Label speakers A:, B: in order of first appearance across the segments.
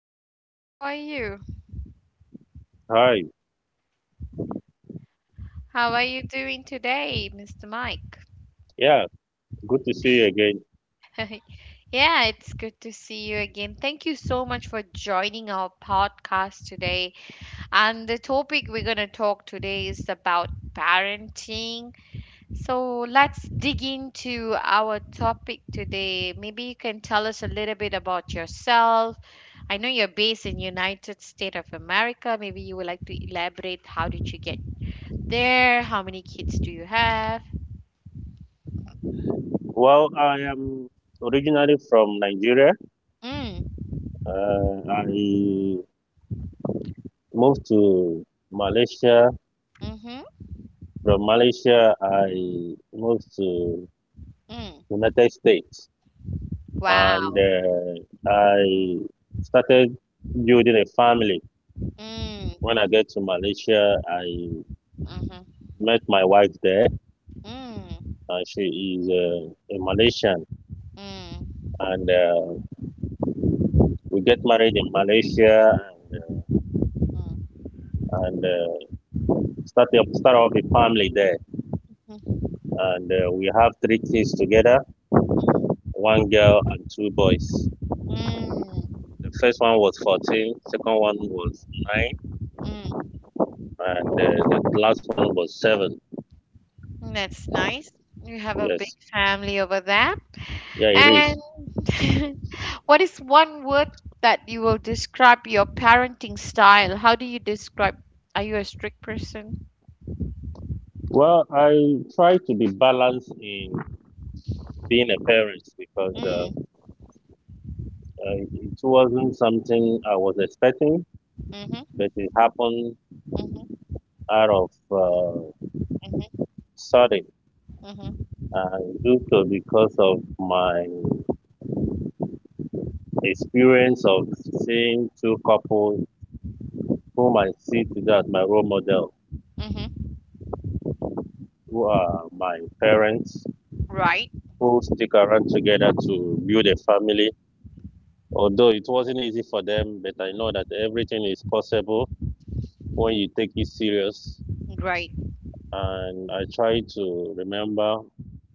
A: Hi, how are you?
B: Hi,
A: How are you doing today, Mr. Mike?
B: yeah, good to see you again.
A: Yeah, it's good to see you again. Thank you so much for joining our podcast today. And the topic we're going to talk today is about parenting. So let's dig into our topic today. Maybe you can tell us a little bit about yourself. I know you're based in United States of America. Maybe you would like to elaborate how did you get there? How many kids do you have?
B: Well, I am originally from Nigeria.
A: Mm.
B: I moved to Malaysia.
A: Mm-hmm.
B: From Malaysia, I moved to
A: Mm.
B: United States, and
A: Wow.
B: I started building a family.
A: Mm.
B: When I get to Malaysia, I
A: Mm-hmm.
B: met my wife there,
A: mm,
B: and she is a Malaysian,
A: mm,
B: and we get married in Malaysia, and start up a family there,
A: mm,
B: and we have three kids together:
A: mm,
B: one girl and two boys.
A: mm,
B: The first one was 14, second one was 9,
A: mm.
B: and the last one was 7.
A: That's nice. You have a
B: Yes,
A: big family over there.
B: yeah, it is.
A: And what is one word that you will describe your parenting style? How do you describe? Are you a strict person?
B: Well, I try to be balanced in being a parent because
A: Mm.
B: it wasn't something I was expecting,
A: Mm-hmm,
B: but it happened
A: mm-hmm,
B: out of
A: mm-hmm,
B: sudden
A: mm-hmm,
B: and due to because of my the experience of seeing two couples whom I see today as my role model,
A: mm-hmm.
B: who are my parents,
A: Right,
B: who stick around together to build a family. Although it wasn't easy for them, but I know that everything is possible when you take it serious.
A: right.
B: And I try to remember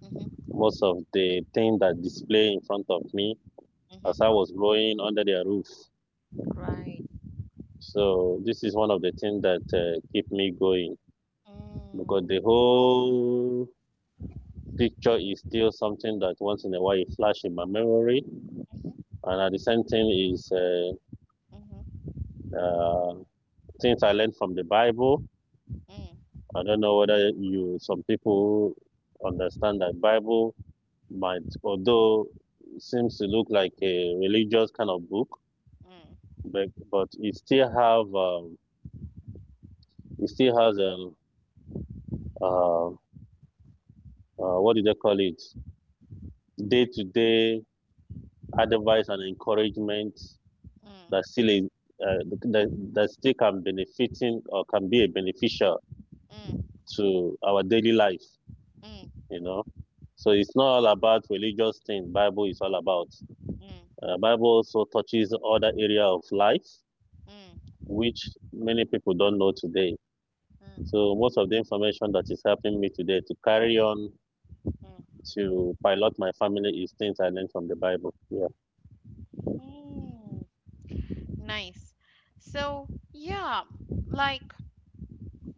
A: Mm-hmm,
B: most of the things that display in front of me as I
A: mm-hmm.
B: was growing under their roof.
A: Right.
B: So this is one of the things that keep me going because
A: Mm.
B: the whole picture is still something that once in a while it flashes in my memory. And the same thing is
A: Mhm,
B: uh, things I learned from the Bible.
A: mhm,
B: I don't know whether you some people understand that Bible might, although it seems to look like a religious kind of book,
A: mm,
B: but it still have it still has a uh, what do they call it day to day advice and encouragement that
A: mm,
B: still is uh, that still can benefiting or can be a beneficial
A: mm,
B: to our daily life
A: mm, mm,
B: you know so it's not all about religious things. Bible is all about
A: mm,
B: Bible also touches other area of life,
A: mm,
B: which many people don't know today.
A: mm,
B: So most of the information that is helping me today to carry on
A: mm.
B: to pilot my family is things I learned from the Bible. Yeah,
A: Mm. Nice. So, yeah, like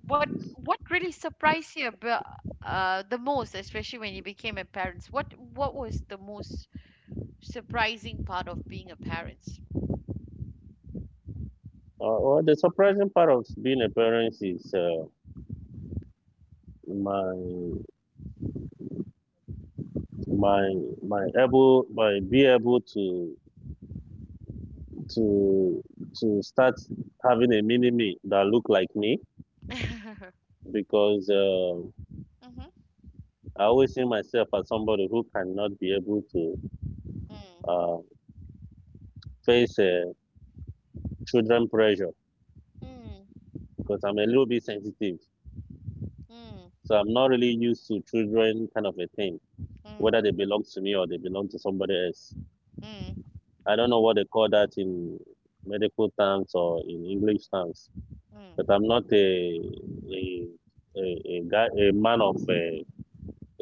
A: what really surprised you about the most, especially when you became a parent? What was the most surprising part of being a parent?
B: well, the surprising part of being a parent is my my my able my be able to to to start having a mini me that look like me. Because
A: Mhm,
B: I always see myself as somebody who cannot be able to
A: mm,
B: uh, face children pressure
A: mm,
B: because I'm a little bit sensitive,
A: mm,
B: so I'm not really used to children kind of a thing,
A: mm,
B: whether they belong to me or they belong to somebody else.
A: mm, mm,
B: I don't know what they call that in medical terms or in English terms, but
A: mm,
B: I'm not a a, a guy, a man of a,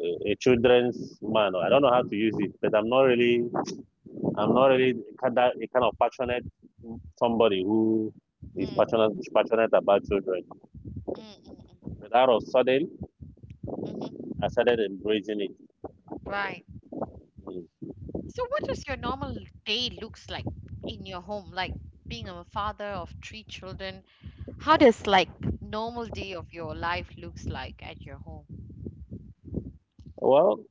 B: a, a children's man. I don't know how to use it, but I'm not really, I'm not really kind a kind of passionate, somebody who
A: mm,
B: is
A: mm,
B: passionate about children.
A: mm,
B: But out of sudden,
A: mhm.
B: I started embracing it.
A: Right.
B: Mm.
A: So what does your normal day looks like in your home? Like being a father of three children, how does like normal day of your life looks like at your home?
B: Well,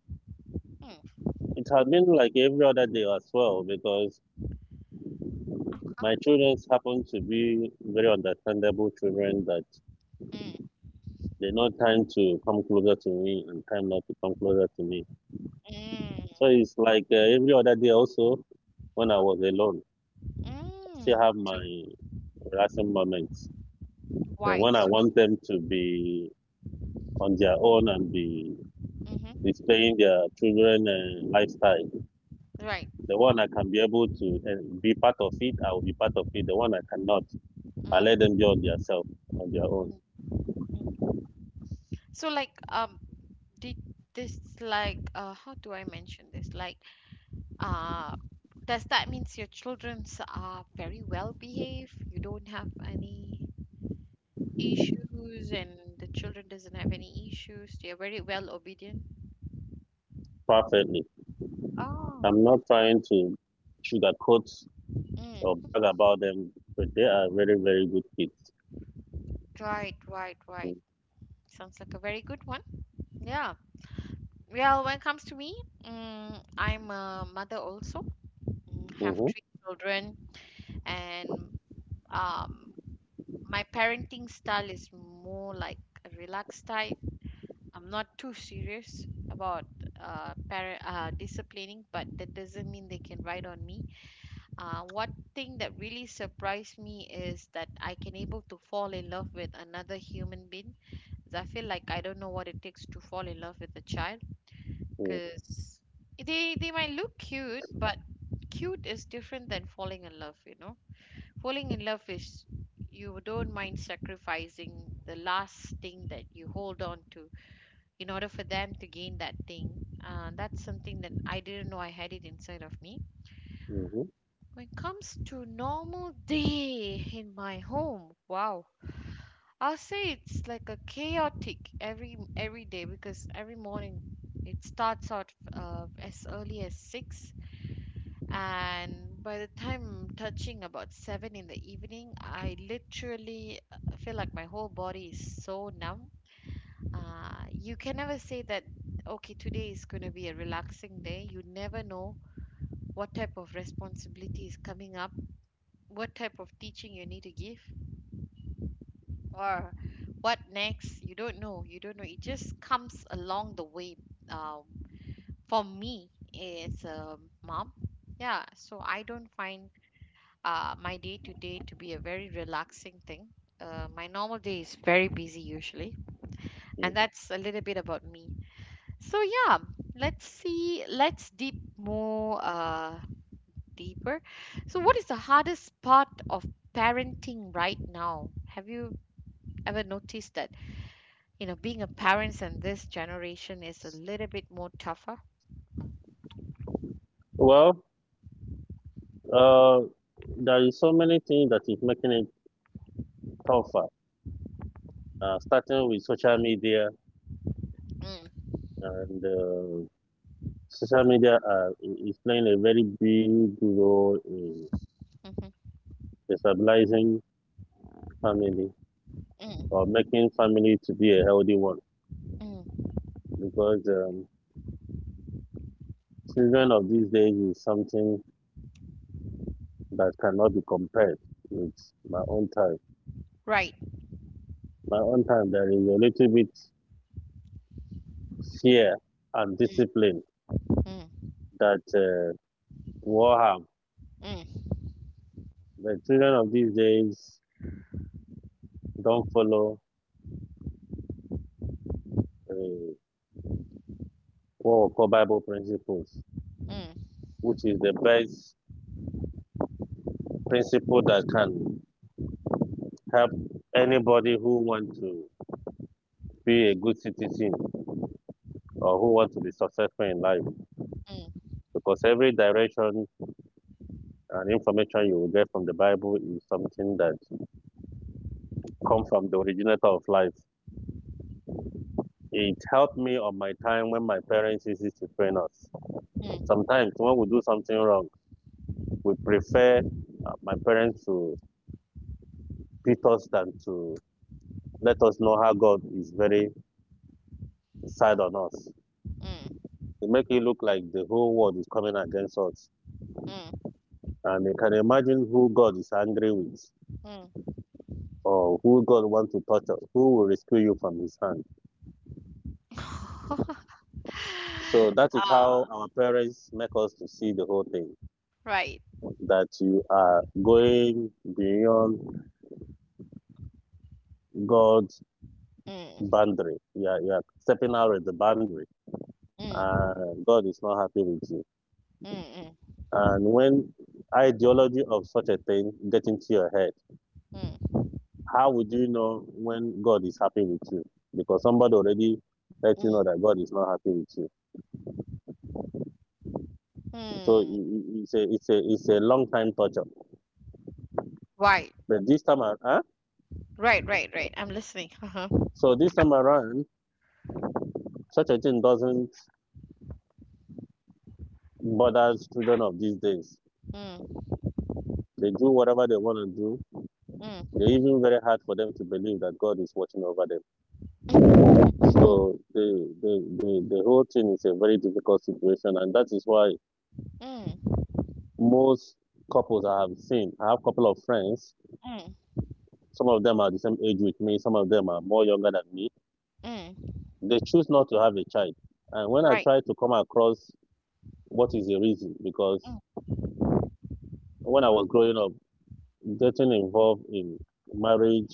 A: Mm.
B: it had been like every other day as well because
A: Uh-huh.
B: my children happen to be very understandable children that
A: Mm,
B: they know time to come closer to me and time not to come closer to me.
A: mm,
B: So it's like every other day also when I was alone, I still
A: mm.
B: have my
A: So
B: relaxing moments. And
A: white.
B: when I
A: So
B: want them to be on their own and be
A: mm-hmm.
B: displaying their children lifestyle,
A: Right.
B: the one I can be able to be part of it, I will be part of it. The one I cannot, I let
A: Mm,
B: them be on their on their own,
A: mm, mm. So like did this like how do I mention this? Like uh does that means your childrens are very well behaved? You don't have any issues and the children doesn't have any issues. They are very well obedient.
B: perfectly.
A: Oh,
B: I'm not trying to sugarcoat or
A: mm,
B: brag about them, but they are very, very good kids.
A: right, right, right. Sounds like a very good one. Yeah. Well, when it comes to me, mm, I'm a mother also. Mm, have
B: Hmm.
A: three children, and um, my parenting style is more like a relaxed type. I'm not too serious about parent disciplining, but that doesn't mean they can ride on me. One thing that really surprised me is that I can able to fall in love with another human being. 'Cause I feel like I don't know what it takes to fall in love with a child because they might look cute, but cute is different than falling in love. You know, falling in love is you don't mind sacrificing the last thing that you hold on to in order for them to gain that thing. That's something that I didn't know I had it inside of me.
B: Mm-hmm.
A: When it comes to normal day in my home, wow. I'll say it's like a chaotic every day because every morning it starts out as early as 6, and by the time touching about 7 in the evening, I literally feel like my whole body is so numb. You can never say that okay, today is going to be a relaxing day. You never know what type of responsibility is coming up, what type of teaching you need to give, or what next. You don't know, you don't know, it just comes along the way. um, for me as a mom, yeah, so I don't find my day to day to be a very relaxing thing. My normal day is very busy usually, and that's a little bit about me. So yeah, let's see, let's deep more deeper. So what is the hardest part of parenting right now? Have you ever noticed that, you know, being a parents in this generation is a little bit more tougher?
B: Well, Uh, there is so many things that is making it tougher. Starting with social media,
A: Mm,
B: and social media is playing a very big role in
A: mhm,
B: destabilizing family or
A: mm,
B: making family to be a healthy one.
A: mm,
B: Because children of these days is something that cannot be compared with my own time.
A: right.
B: My own time, there is a little bit fear and
A: Mm,
B: discipline
A: mm,
B: that war harm.
A: mm,
B: The children of these days don't follow uh, four core Bible principles,
A: mm,
B: which is the best principle that can help anybody who wants to be a good citizen or who wants to be successful in life.
A: mm,
B: Because every direction and information you will get from the Bible is something that comes from the originator of life. It helped me on my time when my parents used to train us.
A: mm,
B: Sometimes when we do something wrong, we prefer my parents to beat us than to let us know how God is very sad on us. It make it look like the whole world is coming against us.
A: mm, mm,
B: And you can imagine who God is angry with
A: mm.
B: or who God wants to torture, who will rescue you from his hand. So that is how
A: Ah,
B: our parents make us to see the whole thing,
A: right.
B: that you are going beyond God's
A: Mm,
B: boundary. You are stepping out of the boundary
A: mm,
B: and God is not happy with you.
A: mm,
B: And when ideology of such a thing get into your head,
A: mm, mm,
B: how would you know when God is happy with you? Because somebody already let you
A: mm,
B: know that God is not happy with you. So
A: mm.
B: it's a long time torture.
A: Right,
B: But this time around, huh?
A: right, right, right. I'm listening. Uh-huh.
B: So this time around, such a thing doesn't bother children of these days.
A: Mm,
B: They do whatever they want to do. They're
A: mm,
B: even very hard for them to believe that God is watching over them.
A: mm,
B: So the whole thing is a very difficult situation, and that is why
A: mm, mm,
B: most couples I have seen. I have a couple of friends.
A: mm,
B: Some of them are the same age with me. Some of them are more younger than me.
A: mm.
B: They choose not to have a child. And when I
A: Right.
B: try to come across what is the reason, because
A: Mm,
B: when I was growing up, getting involved in marriage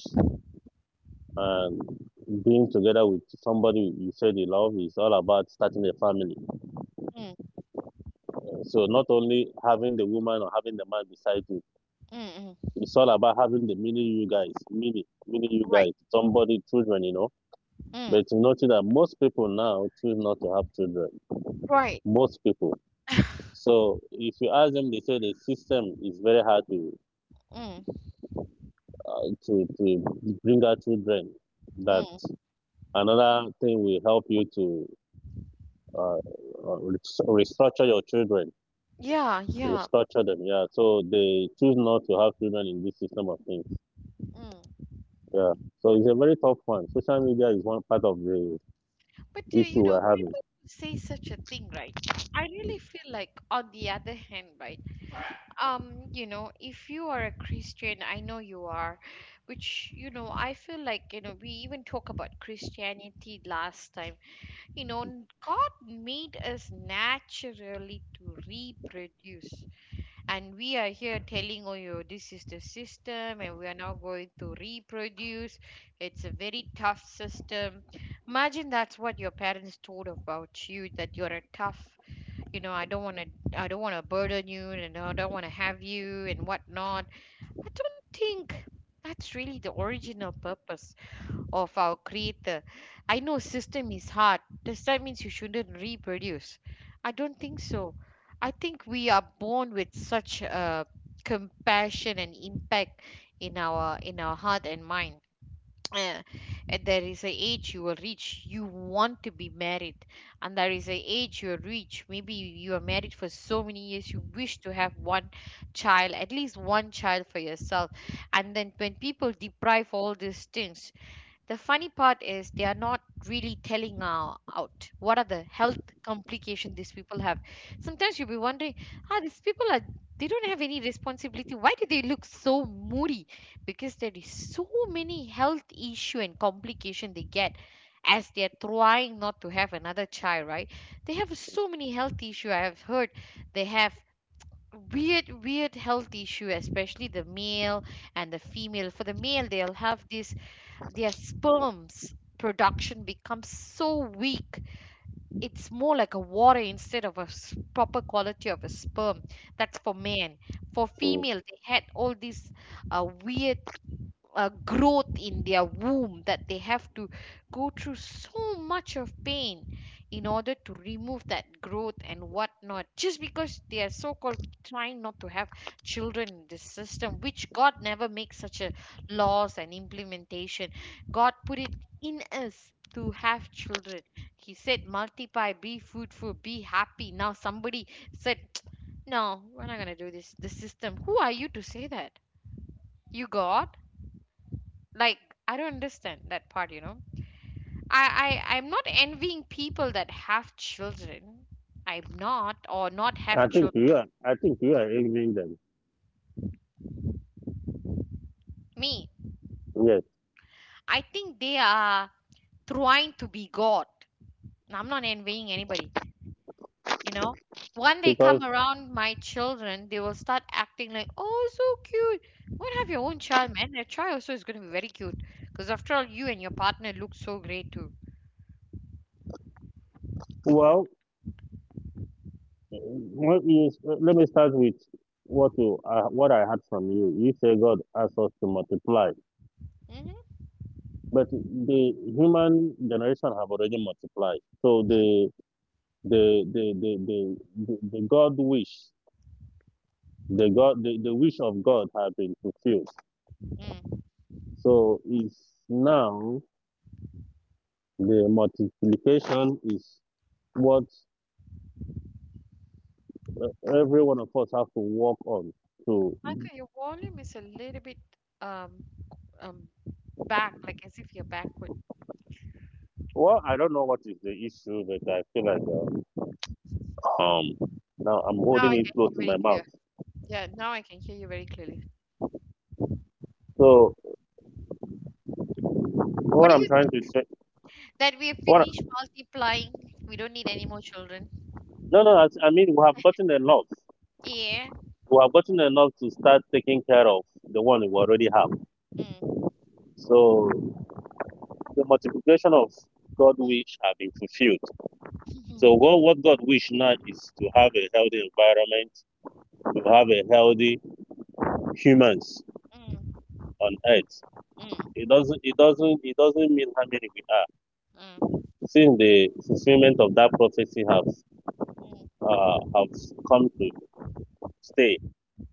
B: and being together with somebody you say they love is all about starting a family.
A: mm,
B: So not only having the woman or having the man beside you,
A: mm, mm.
B: it's all about having the mini you guys, mini you guys,
A: Right.
B: somebody, children, you know.
A: Mm.
B: But you notice that most people now choose not to have children.
A: Right.
B: Most people. So if you ask them, they say the system is very hard to
A: Mm,
B: to bring out children. That
A: mm.
B: another thing will help you to uh, uh, rest- restructure your children,
A: Yeah, yeah.
B: restructure them. Yeah. So they choose not to have children in this system of things.
A: Mm.
B: Yeah. So it's a very tough one. Social media is one part of the
A: But
B: issue
A: you
B: we're
A: know, people
B: having.
A: say such a thing, right? I really feel like, on the other hand, right? You know, if you are a Christian, I know you are, which, you know, I feel like, you know, we even talk about Christianity last time. You know, God made us naturally to reproduce. And we are here telling, oh yo, this is the system and we are now going to reproduce, it's a very tough system. Imagine that's what your parents told about you, that you're a tough, you know, I don't want to, I don't want to burden you, and I don't want to have you and whatnot. I don't think that's really the original purpose of our creator. I know system is hard. Does that means you shouldn't reproduce? I don't think so. I think we are born with such compassion and impact in our heart and mind. Uh, and there is a age you will reach, you want to be married, and there is a age you will reach, maybe you are married for so many years, you wish to have one child, at least one child for yourself. And then when people deprive all these things, the funny part is they are not really telling out what are the health complications these people have. Sometimes you'll be wondering, ah, these people are, they don't have any responsibility. Why do they look so moody? Because there is so many health issue and complication they get as they are trying not to have another child, right? They have so many health issue. I have heard they have weird weird health issue, especially the male and the female. For the male, they'll have this, their sperms production becomes so weak, it's more like a water instead of a s- proper quality of a sperm. That's for man. For
B: Mm.
A: female, they had all these weird growth in their womb that they have to go through so much of pain in order to remove that growth and whatnot, just because they are so called trying not to have children in this system, which God never makes such a laws and implementation. God put it in us to have children. He said multiply, be fruitful, be happy. Now somebody said, no, we're not going to do this, the system. Who are you to say that, you God? Like, I don't understand that part, you know. i, I'm not envying people that have children. I'm not or not have
B: I think
A: children.
B: you are. I think you are aiming them.
A: Me?
B: Yes,
A: I think they are trying to be God. I'm not envying anybody, you know. When they come
B: because
A: around my children, they will start acting like, oh, so cute. Go and have your own child, man. Your child also is going to be very cute, because after all, you and your partner look so great too.
B: well, let me let me start with what you what I heard from you. You say God asked us to multiply,
A: Mm-hmm.
B: but the human generation have already multiplied. So the the the the, the God wish, the wish of God has been fulfilled.
A: Mm.
B: So it's now the multiplication is what every one of us have to work on. To,
A: Michael, your volume is a little bit um, um, back, like as if you're backward.
B: well, I don't know what is the issue, but I feel like. Um, Now I'm
A: Now I
B: holding it
A: can hear
B: close
A: you
B: to
A: very
B: my
A: clear.
B: mouth.
A: Yeah, now I can hear you very clearly.
B: So
A: What
B: what
A: do
B: I'm
A: you think?
B: trying to say,
A: That we have
B: what,
A: finished multiplying. We don't need any more children.
B: no, no, I mean we have gotten enough.
A: Yeah.
B: We have gotten enough to start taking care of the one we already have.
A: Mm.
B: So the multiplication of God wish have been fulfilled. So what God wish now is to have a healthy environment, to have a healthy humans
A: Mm,
B: on earth.
A: mm,
B: It doesn't mean how many we are.
A: mm,
B: Since the fulfillment of that prophecy
A: mm, mm, mm,
B: have come to stay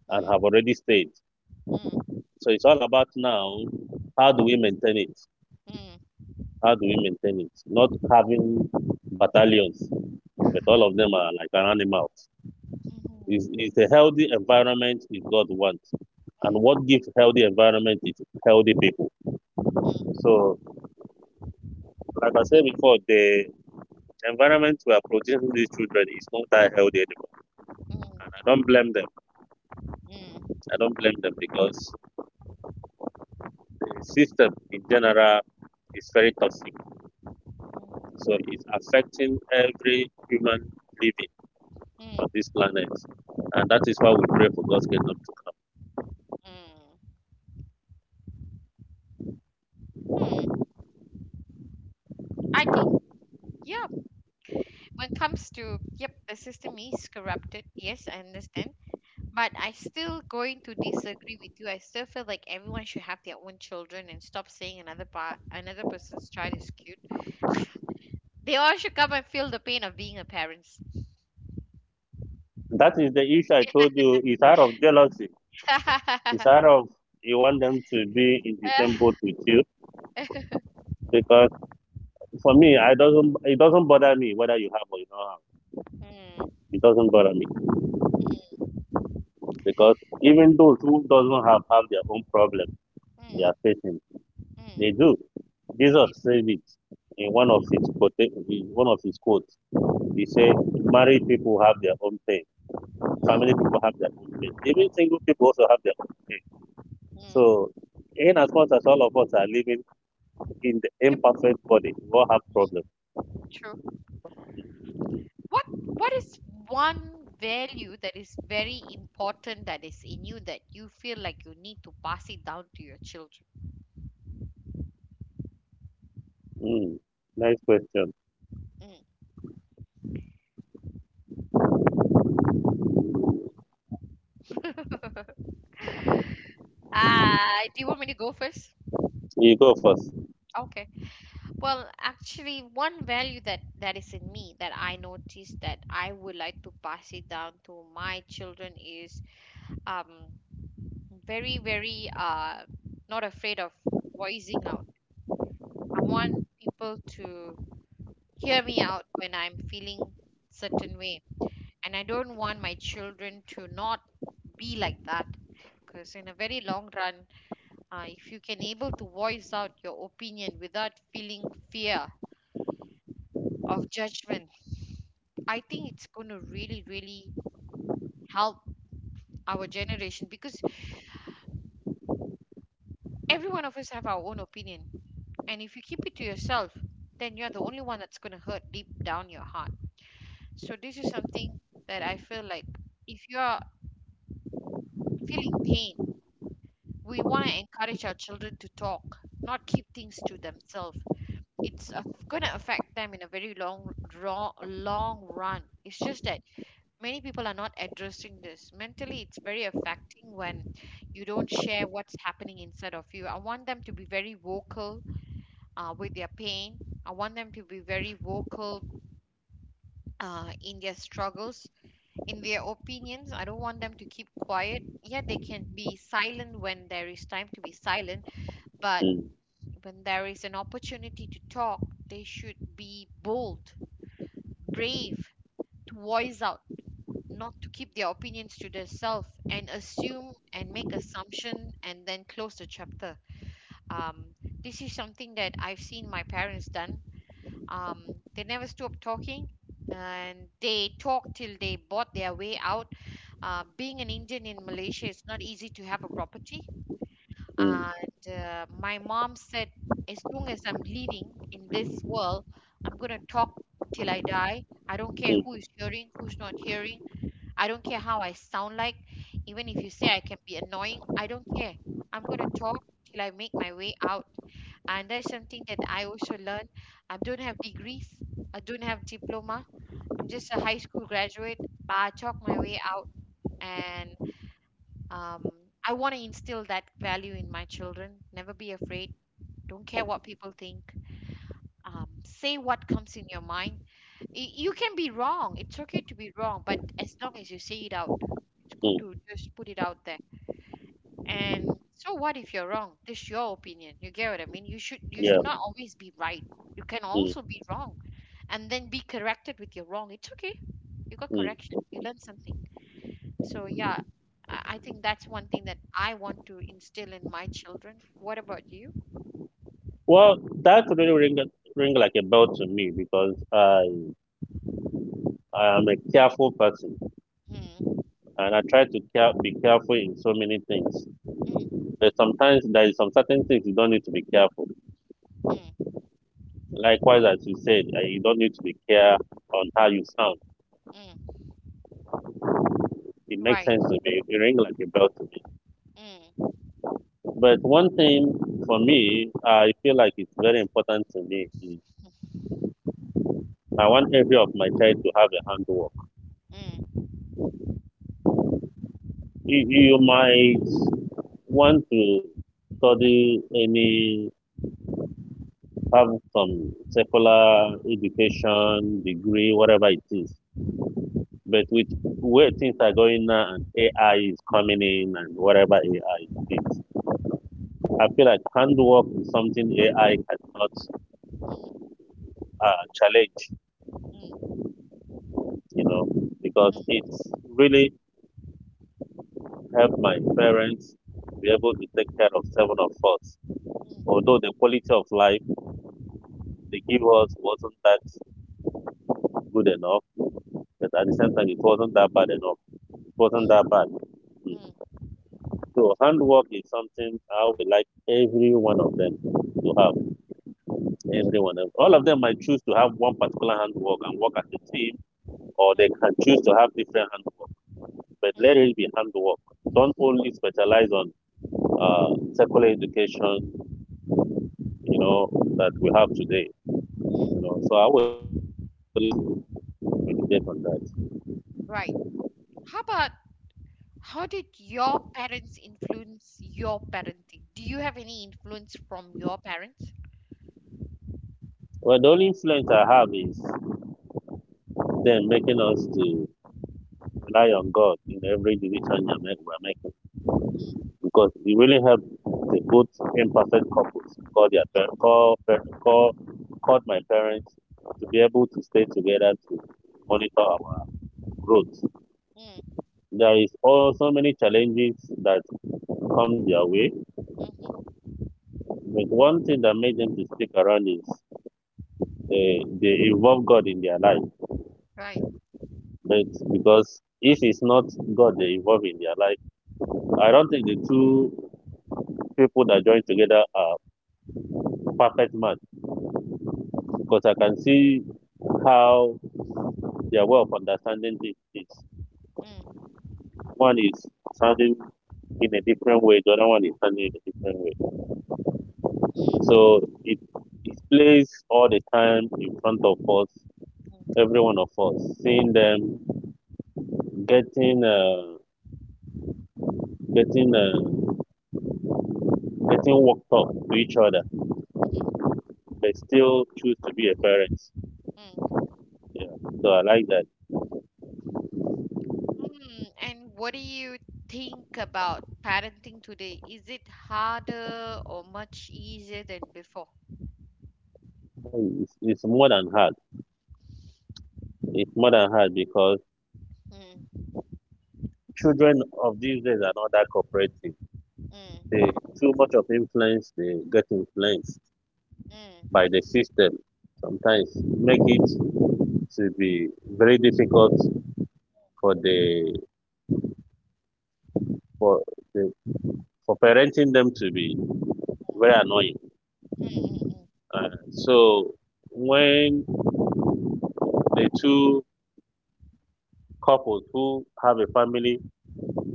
B: and have already stayed.
A: mm,
B: So it's all about now, how do we maintain it?
A: mm, mm, mm, mm,
B: How do we maintain it? Not having battalions, but all of them are like an animal. It's a healthy environment is God wants. And what gives healthy environment is healthy people. So, like I said before, the environment we are producing these children is not that healthy anymore.
A: mm,
B: And I
A: mm,
B: don't blame them. I don't blame them because the system in general is very toxic. So it's affecting every human living on
A: mm,
B: this planet. And that is why we pray for God's kingdom to
A: mm. Hmm. I think, yeah, when it comes to, yep, the system is corrupted. Yes, I understand. But I still going to disagree with you. I still feel like everyone should have their own children and stop saying another part, another person's child is cute. They all should come and feel the pain of being a parent.
B: come. That is the issue I told you. It's out of jealousy. It's out of you want them to be in the same boat with you. Because for me, I doesn't, it doesn't bother me whether you have or you don't have.
A: Mm,
B: It doesn't bother me
A: mm,
B: because even those who doesn't have their own problem they
A: mm,
B: are facing. They
A: mm.
B: do. Jesus
A: It-
B: said it in one of
A: mm,
B: his quotes. He said, "Married people have their own pain."
A: mm,
B: Family people have their own pain. Even single people also have their own pain.
A: mm.
B: So, in as much as all of us are living in the
A: Yep,
B: imperfect body, we all have problems.
A: mm, true. What what is one value that is very important that is in you that you feel like you need to pass it down to your children?
B: Mm. Nice question.
A: Mm. Ah, do you want me to go first?
B: You go first.
A: Okay. Well, actually, one value that is in me that I noticed that I would like to pass it down to my children is um very very not afraid of voicing out. I want people to hear me out when I'm feeling certain way, and I don't want my children to not be like that, because in a very long run, if you can able to voice out your opinion without feeling fear of judgment, I think it's going to really, really help our generation, because every one of us have our own opinion. And if you keep it to yourself, then you're the only one that's going to hurt deep down your heart. So this is something that I feel like if you're feeling pain, we want to encourage our children to talk, not keep things to themselves. It's going to affect them in a very long, long, long run. It's just that many people are not addressing this. Mentally, it's very affecting when you don't share what's happening inside of you. I want them to be very vocal with their pain. I want them to be very vocal in their struggles, in their opinions. I don't want them to keep quiet. Yeah, they can be silent when there is time to be silent, but
B: Mm,
A: when there is an opportunity to talk, they should be bold, brave, to voice out, not to keep their opinions to themselves and assume and make assumption and then close the chapter. This is something that I've seen my parents done. um, they never stopped talking, and they talked till they bought their way out. Being an Indian in Malaysia, it's not easy to have a property.
B: mm,
A: And my mom said, as long as I'm living in this world, I'm going to talk till I die. I don't care who
B: mm,
A: is hearing, who's not hearing. I don't care how I sound like. Even if you say I can be annoying, I don't care. I'm going to talk till I make my way out. And that's something that I also learned. I don't have degrees. I don't have diploma. I'm just a high school graduate, but I talk my way out. And I want to instill that value in my children. Never be afraid. Don't care what people think. Say what comes in your mind. You can be wrong. It's okay to be wrong, but as long as you say it out, it's good
B: mm,
A: to just put it out there. And so what if you're wrong? This is your opinion. You get what I mean? You should
B: yeah.
A: not always be right. You can
B: Mm,
A: also be wrong and then be corrected with your wrong. It's okay. You got correction.
B: mm.
A: You learned something. So yeah, I think that's one thing that I want to instill in my children. What about you?
B: Well, that really ring, ring like a bell to me because I am a careful person
A: Mm,
B: and I try to care, be careful in so many things.
A: mm,
B: But sometimes there is some certain things you don't need to be careful.
A: mm,
B: Likewise, as you said, you don't need to be care on how you sound.
A: mm.
B: It makes
A: Right.
B: sense to me. You ring like a bell to me.
A: Mm,
B: But one thing for me, I feel like it's very important to me. Is I want every of my child to have a handwork.
A: mm,
B: You might want to study any, have some secular education degree, whatever it is. But with where things are going now and AI is coming in and whatever AI is. I feel like handwork is something AI cannot
A: mm,
B: challenge,
A: mm,
B: you know, because
A: mm,
B: it's really helped my parents be able to take care of seven of us.
A: mm,
B: Although the quality of life they give us wasn't that good enough, but at the same time it wasn't that bad enough. It
A: mm,
B: wasn't that bad. Mm.
A: mm, mm.
B: So handwork is something I would like every one of them to have. Every one of all of them might choose to have one particular handwork and work as a team, or they can choose to have different handwork, but
A: Mm.
B: let it be handwork. Don't only specialize on secular education, you know, that we have today. You
A: Mm.
B: know, so I would like every one of us to meditate on that.
A: Right. How about how did your parents influence your parenting? Do you have any influence from your parents?
B: Well, the only influence I have is then making us to rely on God in every decision we're making because it really helps the good imperfect couples, call their parents, call, call, call my parents to be able to stay together to monitor our growth.
A: Mm,
B: There is also so many challenges that come their way.
A: hmm.
B: But one thing that made them to stick around is they involve God in their life.
A: Right.
B: But because if it's not God they involve in their life, I don't think the two people that join together are perfect match. Because I can see how their way of understanding things is.
A: Mm,
B: One is sounding in a different way, the other one is sounding in a different way. So it plays all the time in front of us,
A: mm,
B: every one of us, seeing them getting uh, getting uh, getting worked up to each other,
A: mm,
B: but still choose to be a parent.
A: mm.
B: Yeah, so I like that.
A: Mm. And what do you think about parenting today? Is it harder or much easier than before?
B: Boy, It's more than hard. It's more than hard because
A: Mm,
B: children of these days are not that cooperative. They
A: mm,
B: too much of influence. They get influenced
A: mm, mm,
B: by the system. Sometimes make it to be very difficult for the for the for parenting them to be very annoying.
A: mm,
B: So when the two couples who have a family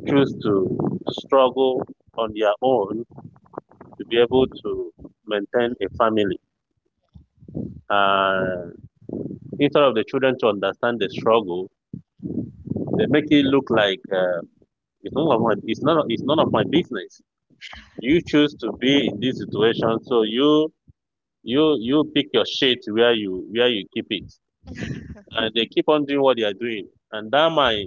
B: choose to struggle on their own to be able to maintain a
A: mm,
B: family. And instead of the children to understand the struggle, they make it look like it's none of my it's none of my business. You choose to be in this situation, so you pick your shit where you keep it, and they keep on doing what they are doing, and that might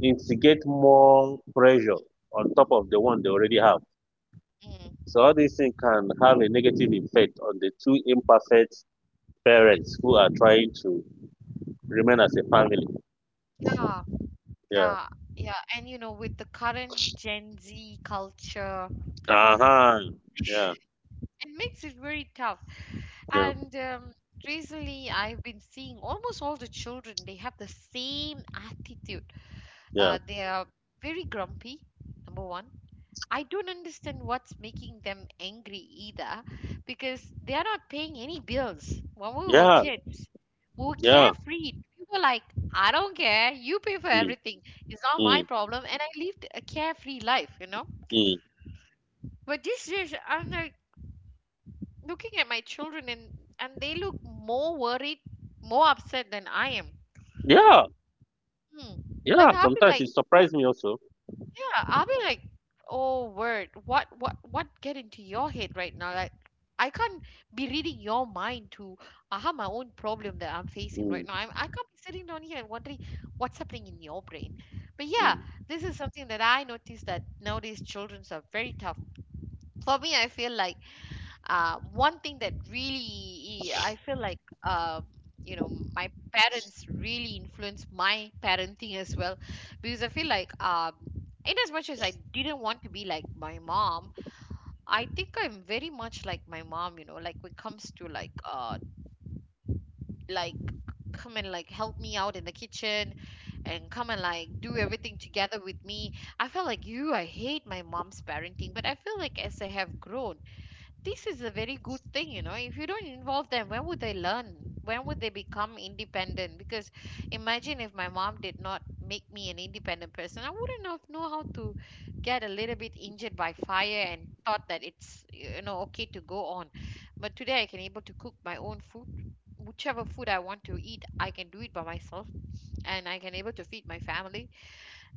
B: instigate more pressure on top of the one they already have.
A: mm,
B: So all these things can have a negative effect on the two imperfect
A: mm.
B: parents who are trying to remain as a family.
A: Yeah,
B: Yeah.
A: yeah, yeah. And you know, with the current Gen Z culture,
B: Uh-huh. Yeah.
A: it makes it very tough.
B: Yeah.
A: And recently, I've been seeing almost all the children, they have the same attitude.
B: Yeah.
A: They are very grumpy, number one. I don't understand what's making them angry either because they are not paying any bills. When we were
B: Yeah.
A: kids, we were
B: Yeah.
A: carefree. We were like, I don't care, you pay for
B: Mm,
A: everything. It's not my
B: mm,
A: problem. And I lived a carefree life, you know?
B: mm.
A: But this is, I'm like, looking at my children and they look more worried, more upset than I am.
B: Yeah.
A: Hmm. Like
B: Yeah.
A: I'll be
B: Sometimes
A: like,
B: it surprised me also.
A: yeah, I'll be like, oh word, what get into your head right now? Like I can't be reading your mind to I have my own problem that I'm facing right
B: Mm,
A: now. I can't be sitting down here and wondering what's happening in your brain. But yeah,
B: mm,
A: this is something that I noticed that nowadays childrens are very tough. For me, I feel like one thing that really I feel like you know my parents really influenced my parenting as well because I feel like in as much as I didn't want to be like my mom, I think I'm very much like my mom. You know, like when it comes to like come and like help me out in the kitchen and come and like do everything together with me. I felt like you, I hate my mom's parenting, but I feel like as I have grown, this is a very good thing. You know, if you don't involve them, when would they learn? When would they become independent? Because imagine if my mom did not make me an independent person, I wouldn't have know how to get a little bit injured by fire and thought that it's, you know, okay to go on. But today I can able to cook my own food, whichever food I want to eat, I can do it by myself, and I can able to feed my family.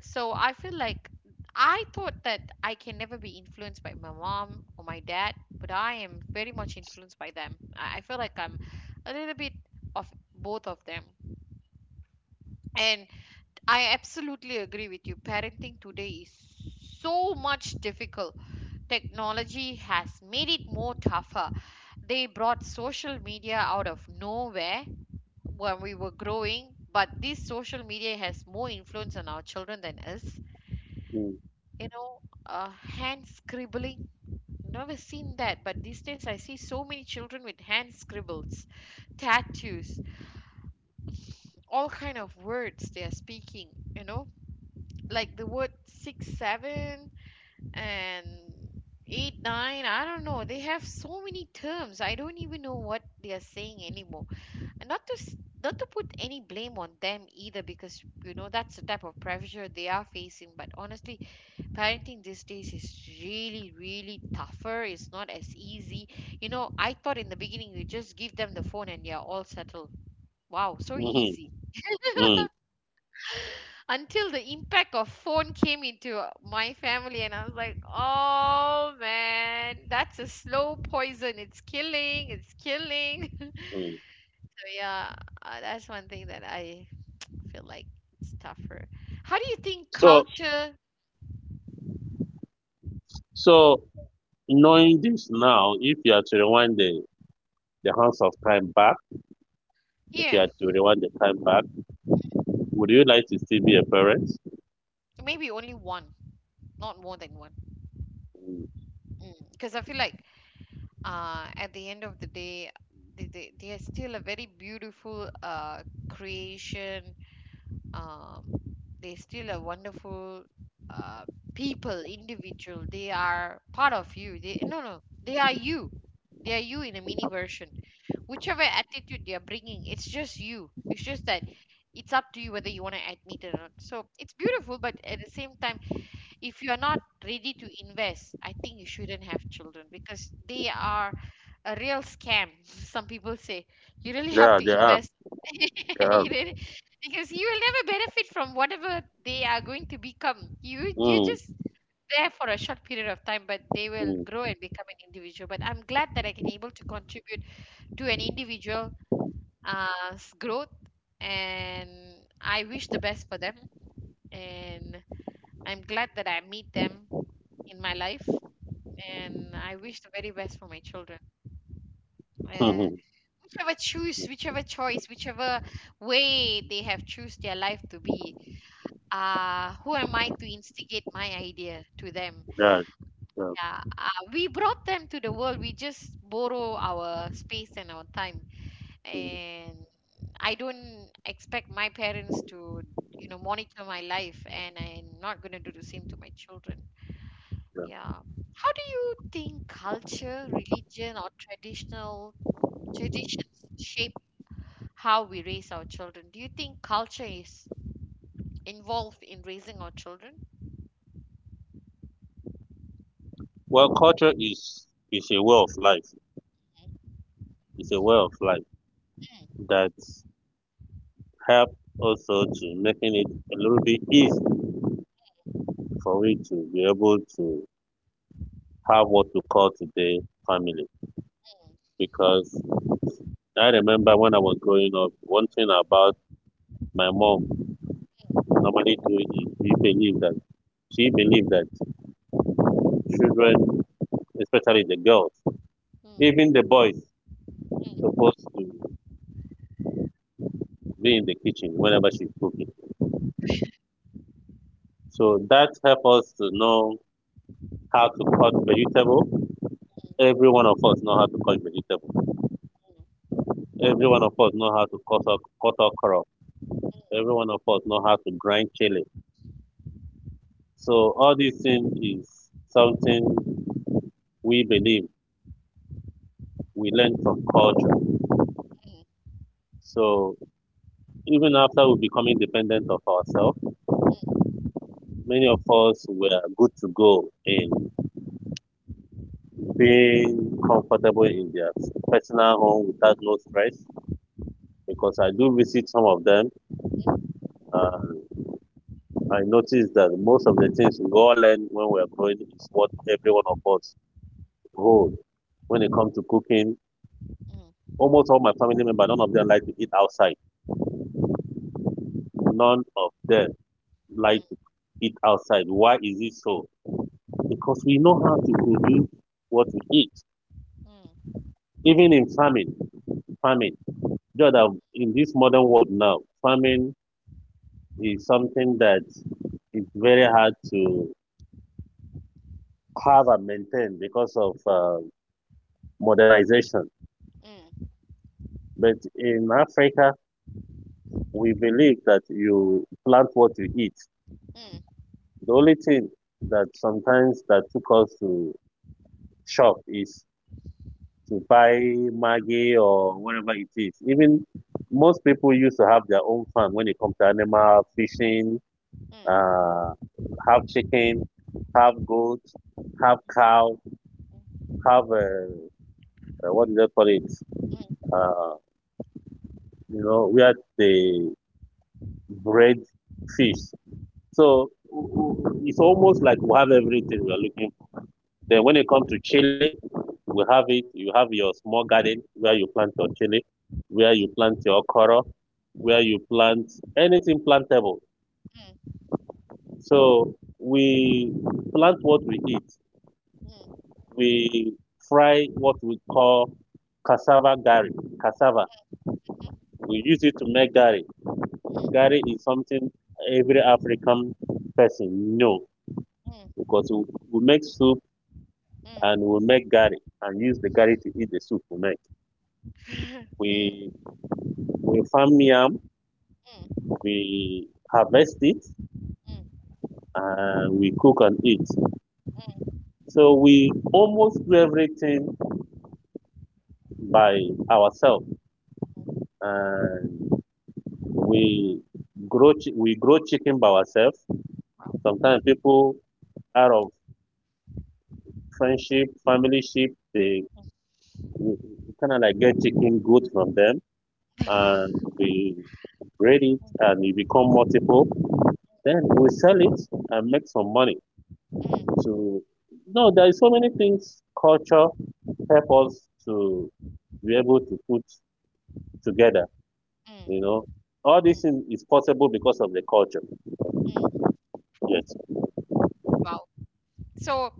A: So I feel like I thought that I can never be influenced by my mom or my dad, but I am very much influenced by them. I feel like I'm a little bit of both of them. And I absolutely agree with you. Parenting today is so much difficult. Technology has made it more tougher. They brought social media out of nowhere when we were growing, but this social media has more influence on our children than us.
B: mm,
A: You know, hand scribbling. Never seen that, but these days I see so many children with hand scribbles, tattoos, all kind of words they are speaking. You know, like the word six, seven, and eight, nine. I don't know. They have so many terms. I don't even know what they are saying anymore. And not to put any blame on them either, because you know that's the type of pressure they are facing. But honestly, parenting these days is really really tougher. It's not as easy. You know, I thought in the beginning you just give them the phone and you're all settled. Wow, so
B: Hmm.
A: easy.
B: mm,
A: Until the impact of phone came into my family and I was like, oh man, that's a slow poison. It's killing, it's killing. So
B: mm.
A: yeah, that's one thing that I feel like it's tougher. How do you think
B: So
A: culture?
B: so knowing this now, if you are to rewind the hands of time back, if you
A: Yeah,
B: are to rewind the time back, would you like to still be a parent?
A: maybe only one, not more than one,
B: Mm.
A: because I feel like at the end of the day, they are still a very beautiful creation. Um, they're still a wonderful uh, people, individual. They are part of you. They, no, they are you. They are you in a mini version. Whichever attitude they are bringing, it's just you. It's just that it's up to you whether you want to admit it or not. So it's beautiful, but at the same time if you're not ready to invest, I think you shouldn't have children because they are a real scam. Some people say you really have
B: Yeah,
A: to
B: they are.
A: invest.
B: They are.
A: You really, because you will never benefit from whatever they are going to become. You
B: Mm,
A: just there for a short period of time, but they will
B: mm,
A: grow and become an individual. But I'm glad that I can able to contribute to an individual uh's growth, and I wish the best for them, and I'm glad that I meet them in my life, and I wish the very best for my children. Uh,
B: mhm.
A: whichever choice, whichever way they have choose their life to be, who am I to instigate my idea to them?
B: Yeah, yeah,
A: Yeah, we brought them to the world. We just borrow our space and our time,
B: mm,
A: and I don't expect my parents to, you know, monitor my life, and I'm not gonna do the same to my children.
B: yeah.
A: Yeah. How do you think culture, religion, or traditional traditions shape how we raise our children? Do you think culture is involved in raising our children?
B: Well, culture is a way of life. It's a way of life that help also to making it a little bit easy for we to be able to have what we call today family. Because I remember when I was growing up, one thing about my mom normally do is she believed that children, especially the girls,
A: Mm,
B: even the boys, supposed to be in the kitchen whenever she's cooking. So that helps us to know how to cut vegetable. Every one of us know how to cut vegetable. Every one of us know how to cut our crop. Every one of us know how to grind chili. So all these things is something we believe we learn from culture. So even after we become independent of ourselves, many of us were good to go in being comfortable in their personal home without no stress because I do visit some of them. Uh, I noticed that most of the things we all learn when we're growing is what every one of us hold. When it comes to cooking,
A: mm, mm,
B: almost all my family members, none of them like to eat outside. None of them
A: mm, mm,
B: like to
A: mm,
B: eat outside. Why is it so? Because we know how to produce what we eat.
A: mm,
B: Even in farming. Just that in this modern world now, farming is something that is very hard to have and maintain because of modernization. But in Africa, we believe that you plant what you eat.
A: mm,
B: The only thing that sometimes that took us to shop is to buy maggi or whatever it is. Even most people used to have their own farm when it comes to animal fishing, uh, have chicken, have goat, have cow, have what do they call it? Uh, you know, where they breed fish. So it's almost like we have everything we are looking for. Then when it comes to chili, we have it. You have your small garden where you plant your chili, where you plant your okra, where you plant anything plantable. So we plant what we eat.
A: mm, mm, mm, mm, mm, mm, mm, mm, mm, mm,
B: We fry what we call cassava gari. Cassava. We use it to make gari. Gari is something every African person know
A: mm, mm, mm.
B: because we make soup and we make gari and use the gari to eat the soup we make. We we farm yam,
A: Mm,
B: we harvest it,
A: mm,
B: and we cook and eat.
A: mm, mm.
B: So we almost do everything by ourselves, and we we grow chicken by ourselves.
A: Wow.
B: Sometimes people out of friendship, family ship, they kind of like get chicken good from them, and we breed it, and we become multiple. Then we sell it and make some money.
A: Mm,
B: To no, there is so many things culture help us to be able to put together.
A: mm,
B: You know, all this
A: mm, mm,
B: thing is possible because of the culture.
A: mm.
B: Yes.
A: Wow. So,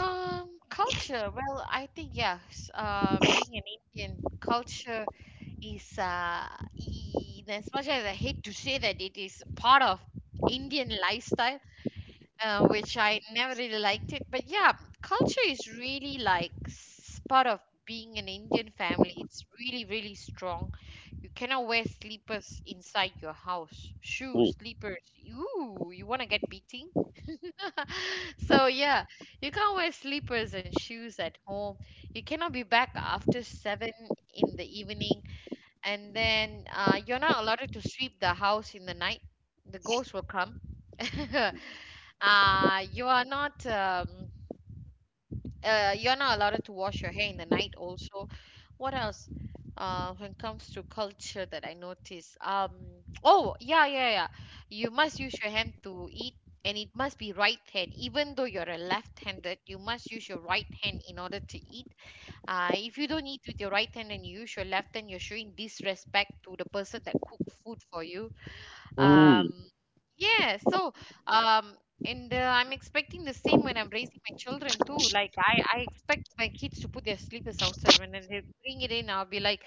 A: Culture. Well, I think yes. Being an Indian culture is in as much as I hate to say that it is part of Indian lifestyle which I never really liked it. But yeah, culture is really like part of being an Indian family. It's really, really strong. You cannot wear sleepers inside your house. Shoes,
B: Mm.
A: sleepers. Ooh, you want to get beating? So yeah, you can't wear sleepers and shoes at home. You cannot be back after 7 in the evening, and then you're not allowed to sweep the house in the night, the ghosts will come. You are not you're not allowed to wash your hair in the night also. What else? When it comes to culture that I notice, oh yeah yeah yeah, you must use your hand to eat, and it must be right hand even though you're a left-handed, you must use your right hand in order to eat. If you don't eat with your right hand and you use your left hand, you're showing disrespect to the person that cooked food for you.
B: Mm.
A: um, yeah, so um, and I'm expecting the same when I'm raising my children too. Like I expect my kids to put their slippers outside. When they bring it in, I'll be like,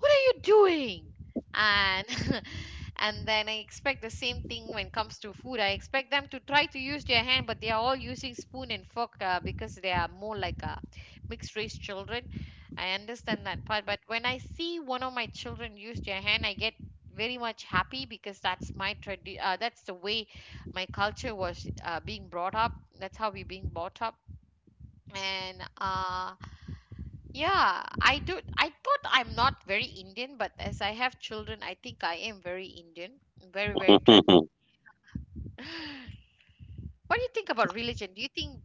A: "What are you doing?" And and then I expect the same thing when it comes to food. I expect them to try to use their hand, but they are all using spoon and fork because they are more like mixed race children. I understand that part, but when I see one of my children use their hand, I get very much happy because that's the way my culture was being brought up. That's how we being brought up. And uh yeah I do. I thought I'm not very Indian, but as I have children, I think I am very Indian. very very trad- what do you think about religion? Do you think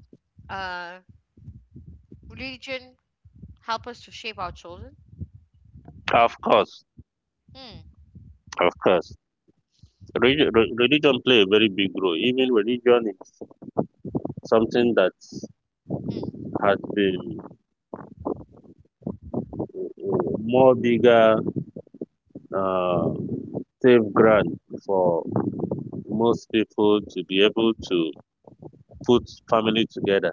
A: uh religion help us to shape our children?
B: Of course,
A: Hmm.
B: of course. Religion play a very big role. Even religion is something that
A: Hmm.
B: has been uh, more bigger uh, safeguard for most people to be able to put family together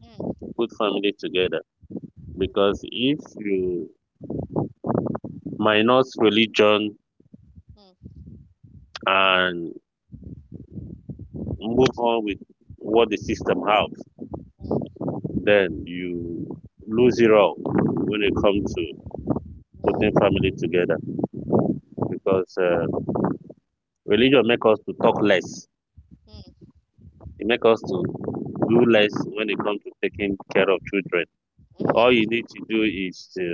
A: Hmm.
B: put family together because if you minus religion
A: Hmm.
B: and move on with what the system has
A: Hmm. Hmm.
B: then you lose it all when it comes to
A: Hmm.
B: putting family together because religion make us to talk less,
A: Hmm.
B: it make us to do less when it comes to taking care of children.
A: Hmm.
B: All
A: Hmm.
B: you need to do is to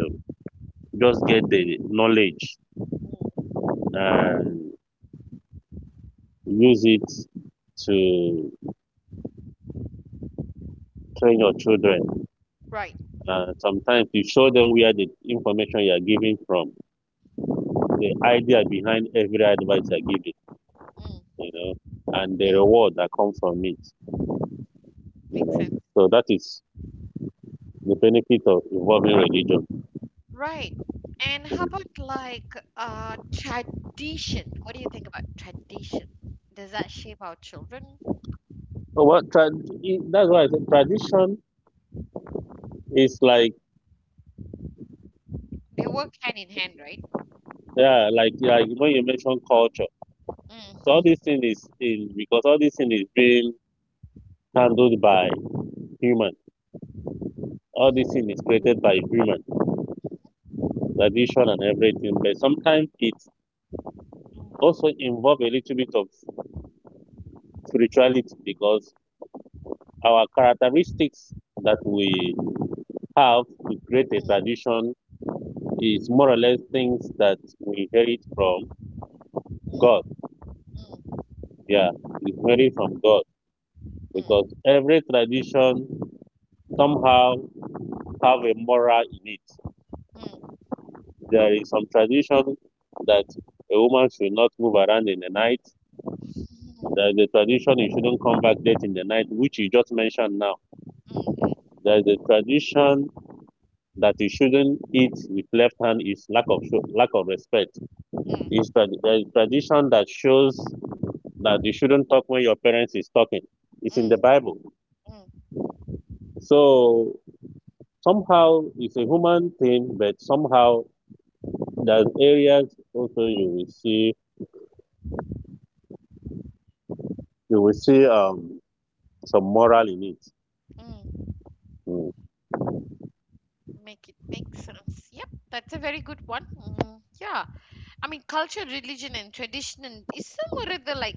B: just get the knowledge
A: Hmm.
B: and use it to train your children.
A: Right.
B: Sometimes you show them where the information you are giving from, the idea behind every advice you are giving,
A: Hmm.
B: you know, and the
A: Hmm.
B: reward that comes from it.
A: Makes sense.
B: So that is the benefit of involving religion.
A: Right. And how
B: Mm.
A: about like tradition? What do you think about tradition? Does that shape our children?
B: So that's why I said tradition is like,
A: They work hand in hand, right?
B: yeah, like when you mention culture. So
A: Mm.
B: all this thing is because all this thing is being handled by human. All
A: Mhm.
B: this thing is created by human tradition and everything. But sometimes it
A: Mm,
B: also involve a little bit of spirituality because our characteristics that we have to create a tradition is more or less things that we inherit from God. Yeah, we inherit from God
A: mm, mm,
B: because
A: mm,
B: every tradition somehow have a moral in it.
A: mm,
B: There is some tradition that a woman should not move around in the night.
A: mm,
B: There is a tradition you shouldn't come back late in the night, which you just mentioned now.
A: mm, mm,
B: There is a tradition that you shouldn't eat with left hand is lack of show, lack of respect. It's a tradition that shows that you shouldn't talk when your parents is talking. It's in the
A: mm,
B: Bible.
A: mm, mm,
B: So somehow it's a human thing, but somehow there's areas also you will see some moral in it.
A: mm.
B: Mm,
A: Make it make sense. Yep, that's a very good one. Mm, yeah, I mean, culture, religion, and tradition and is somewhere rather like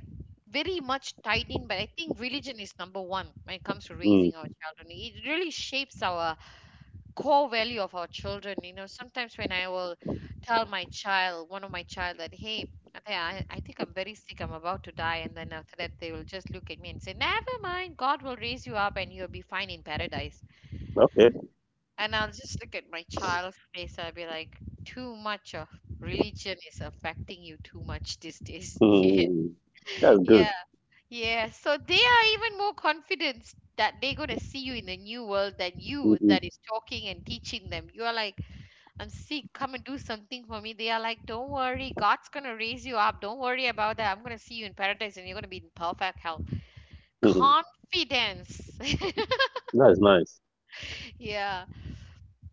A: very much tied in, but I think religion is number one when it comes to
B: mm,
A: raising our children. It really shapes our core value of our children. You know, sometimes when I will tell my child, one of my child, that, hey Ataya, I think I'm very sick, I'm about to die, and then after that they will just look at me and say, never mind, God will raise you up and you'll be fine in paradise.
B: okay,
A: And I'll just look at my child's face, I'll be like, too much of religion is affecting you too much these days. Yeah.
B: mm, that's good.
A: Yeah, yeah, so they are even more confident that they're going to see you in the new world than
B: Mm,
A: you
B: mm,
A: that is talking and teaching them. You are like, I'm sick. Come and do something for me. They are like, Don't worry, God's gonna raise you up. Don't worry about that. I'm gonna see you in paradise and you're gonna be in perfect health.
B: mm. Mm.
A: Confidence.
B: That's nice.
A: Yeah.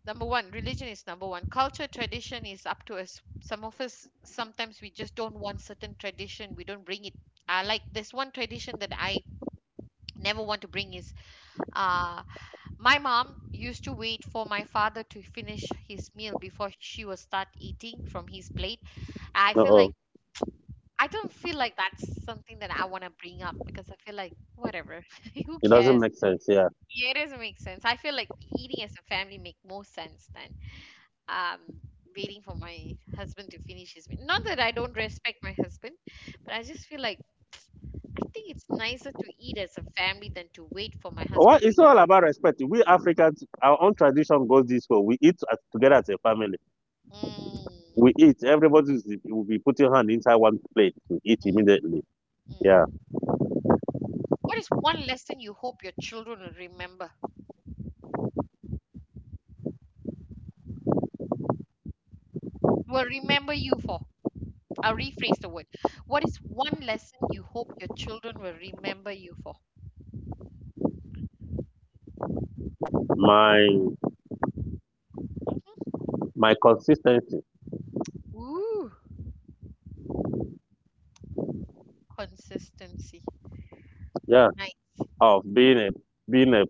A: Number one, religion is number one. Culture, tradition is up to us. Some of us sometimes we just don't want certain tradition. We don't bring it. Like this one tradition that I never want to bring is uh my mom used to wait for my father to finish his meal before she would start eating from his plate. I
B: Uh
A: feel
B: oh,
A: like I don't feel like that's something that I want to bring up because I feel like whatever, who
B: it doesn't
A: cares?
B: make sense. Yeah.
A: Yeah, it doesn't make sense. I feel like eating as a family make more sense than um waiting for my husband to finish his meal. Not that I don't respect my husband, but I just feel like I think it's nicer to eat as a family than to wait for my husband
B: What
A: to
B: it's
A: eat.
B: all about respect. We Africans, our own tradition goes this way. We eat as, together as a family.
A: Mm,
B: We eat. Will be putting hand inside one plate to eat immediately. Yeah,
A: mm. What is one lesson you hope your children will remember? Will remember you for? I'll rephrase the word. What is one lesson you hope your children will remember you for?
B: my
A: Mhm.
B: my consistency.
A: Ooh, consistency.
B: Yeah,
A: Nice.
B: of being a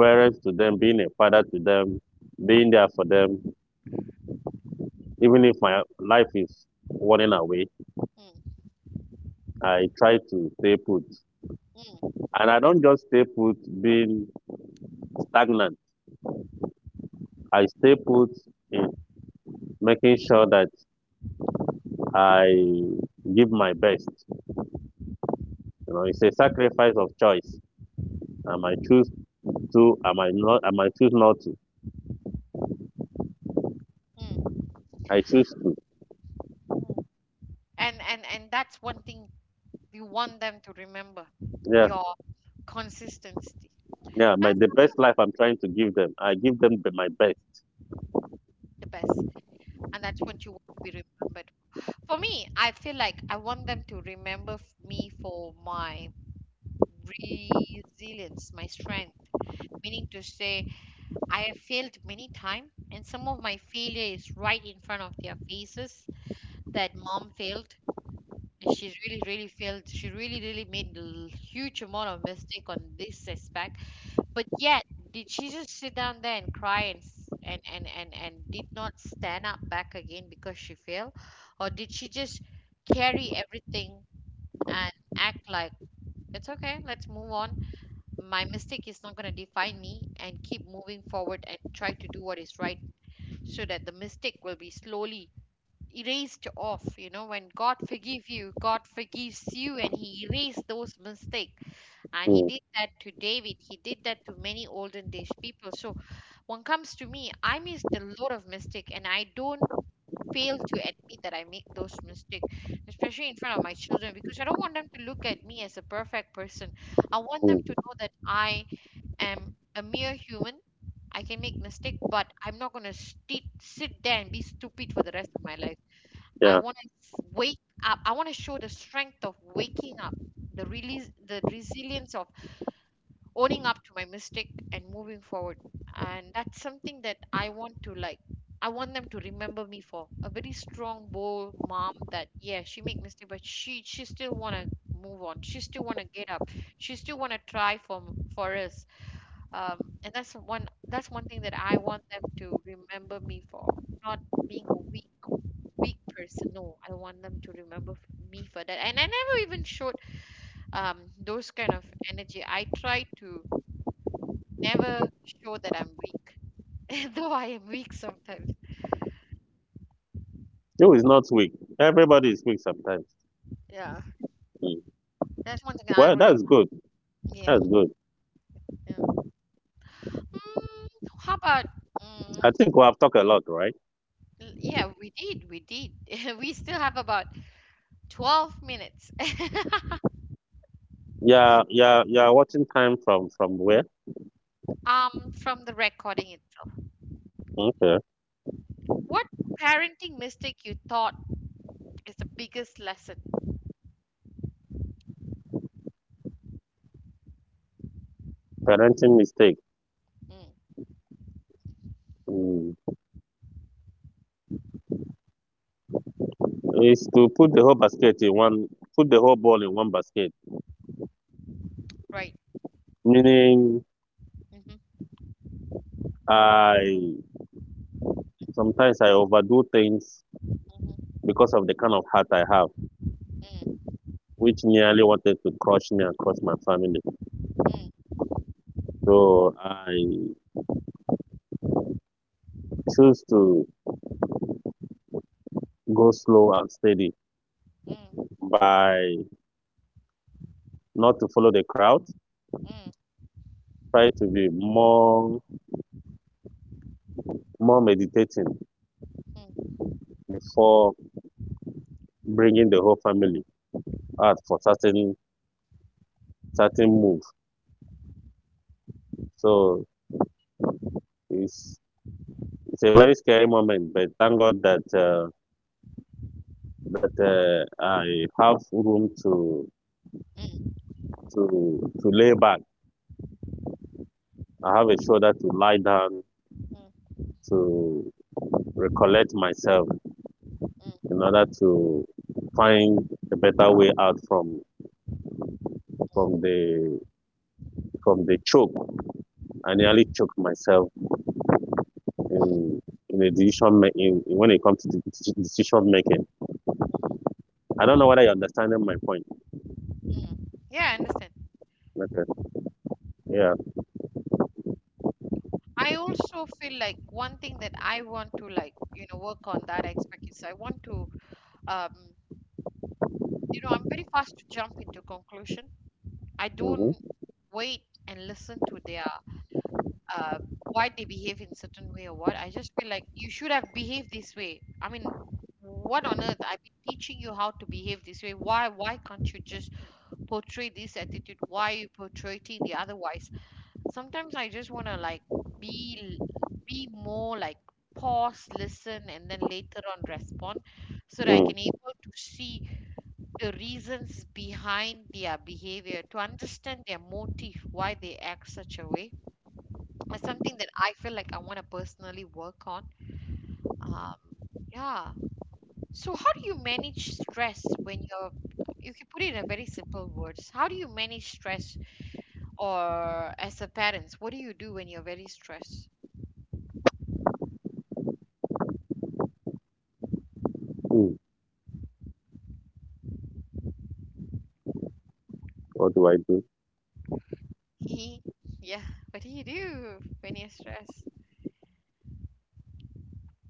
B: parent to them, being a father to them, being there for them. Even if my life is running away,
A: Mm,
B: I try to stay put,
A: mm,
B: and I don't just stay put being stagnant. I stay put in making sure that I give my best. You know, it's a sacrifice of choice. I might choose I might choose not to.
A: mm,
B: I choose to.
A: mm. And that's one thing you want them to remember.
B: Yeah,
A: Your consistency.
B: yeah. My
A: That's
B: The best
A: that's
B: life I'm trying to give them. I give them my best.
A: the best, and that's what you want to be remembered. For me, I feel like I want them to remember me for my resilience, my strength. Meaning to say, I have failed many times, and some of my failure is right in front of their faces. That mom failed. And she really, really failed. She really, really made a huge amount of mistake on this aspect. But yet, did she just sit down there and cry and and did not stand up back again because she failed, or did she just carry everything and act like it's okay? Let's move on. My mistake is not going to define me, and keep moving forward and try to do what is right so that the mistake will be slowly erased off. You know, when God forgive you, God forgives you and he erased those mistake. And he
B: Mm,
A: did that to David, he did that to many olden days people. So when comes to me, I missed a lot of mistake, and I don't fail to admit that I make those mistake, especially in front of my children, because I don't want them to look at me as a perfect person. I want them to
B: mm,
A: know that I am a mere human. I can make mistake, but I'm not gonna sti sit there and be stupid for the rest of my life. I
B: yeah.
A: want to wake up. I want to show the strength of waking up, the release, the resilience of owning up to my mistake and moving forward. And that's something that I want to like. I want them to remember me for a very strong, bold mom that yeah, she make mistake, but she still wanna move on. She still wanna get up. She still wanna try for us, and that's one thing that I want them to remember me for, not being a weak person. No, I want them to remember me for that. And I never even showed those kind of energy. I try to never show that I'm weak, though I am weak sometimes.
B: You is not weak. Everybody is weak sometimes.
A: Yeah,
B: Mm.
A: that's one thing I
B: Well,
A: really.
B: that's good.
A: Yeah,
B: That's good.
A: yeah. Mm, how about,
B: I
A: mm,
B: think we have talked a lot, right?
A: yeah, we did, we did. We still have about 12 minutes.
B: Yeah, yeah, yeah. Watching time from where?
A: Um, from the recording itself.
B: Okay.
A: What parenting mistake you thought is the biggest lesson?
B: Parenting mistake.
A: Mm,
B: Mm. Is to put the whole basket in one, put the whole ball in one basket.
A: right.
B: Meaning
A: Mm-hmm.
B: I sometimes I overdo things
A: Mm,
B: because of the kind of heart I have,
A: mm,
B: which nearly wanted to crush me and crush my family.
A: mm,
B: So I choose to go slow and steady
A: mm,
B: by not to follow the crowd.
A: mm,
B: Try to be more meditating
A: mm, mm,
B: before bringing the whole family out for certain move. So it's it's a very scary moment, but thank God that. That I have room to
A: mm,
B: to lay back. I have a shoulder to lie down
A: mm,
B: to recollect myself
A: mm,
B: in order to find a better way out from the from the choke. I nearly choked myself in in a in when it comes to decision making. I don't know whether you're understanding my point.
A: mm. Yeah, I understand.
B: Okay. Yeah.
A: I also feel like one thing that I want to like, you know, work on that aspect is I want to, um, you know, I'm very fast to jump into conclusion. I don't
B: hmm
A: wait and listen to their uh, why they behave in certain way or what. I just feel like you should have behaved this way. I mean, what on earth? I've been teaching you how to behave this way. Why? Why can't you just portray this attitude? Why are you portraying the otherwise? Sometimes I just want to like be be more like pause, listen, and then later on respond, so that I
B: Mm.
A: can able to see the reasons behind their behavior, to understand their motive, why they act such a way. It's something that I feel like I want to personally work on. Um, yeah. So how do you manage stress when you're, you can put it in a very simple words, how do you manage stress or as a parents, what do you do when you're very stressed?
B: Mm. What do?
A: Yeah. What do you do when you're stressed?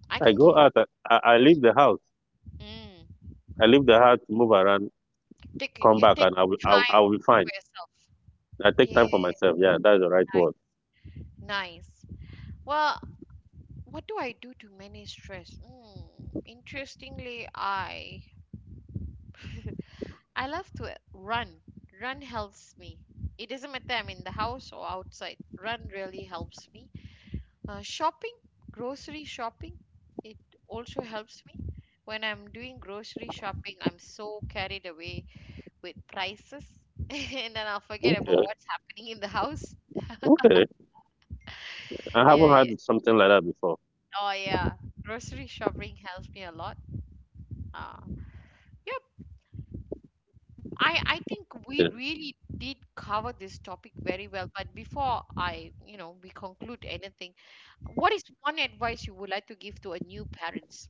A: I
B: I
A: can give
B: go
A: you.
B: out. I leave the house.
A: Mm.
B: I leave the house, move around.
A: Take
B: Come
A: you
B: back
A: take
B: and
A: time
B: I will be fine.
A: for yourself.
B: I take time for
A: Yeah.
B: myself. Yeah, that's the right word.
A: Nice. Well, what do I do to manage stress? Mm, interestingly, I I love to run. Run helps me. It doesn't matter I'm in the house or outside. Run really helps me. Shopping, grocery shopping, it also helps me. When I'm doing grocery shopping, I'm so carried away with prices and then I'll forget about
B: Okay,
A: what's happening in the house.
B: okay. I
A: Yeah,
B: haven't
A: yeah.
B: had something like that before.
A: Oh, yeah. Grocery shopping helps me a lot. Uh, yeah, I think we
B: Yeah.
A: really did cover this topic very well, but before I, you know, we conclude anything, what is one advice you would like to give to a new parents?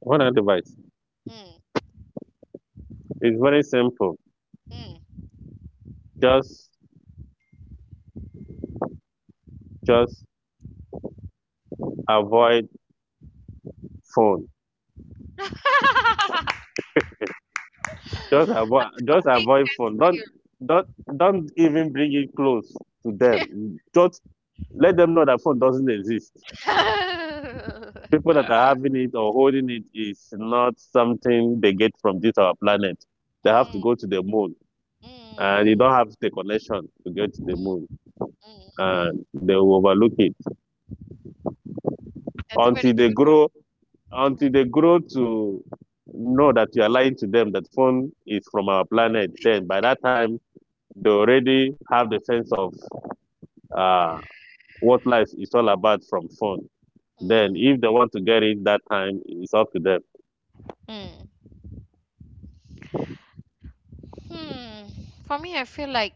B: What advice?
A: Mm,
B: It's very simple.
A: mm.
B: Just, just avoid phone.
A: Topic
B: Just avoid phone.
A: for you.
B: Don't, don't even bring it close to them. Just let them know that phone doesn't exist. People that are having it or holding it is not something they get from this our planet. They have to
A: Mm,
B: go to the moon
A: mm,
B: and you
A: mm,
B: don't have the connection to get to the moon
A: mm, mm.
B: and they will overlook it
A: That's a very
B: until they
A: cute
B: grow
A: one.
B: until they
A: Mm-hmm.
B: grow to know that you are lying to them that phone is from our planet, then by that time they already have the sense of uh, what life is all about from phone, then
A: Mm.
B: if they want to get it that time it's up to them.
A: Mm. Hmm. For me, I feel like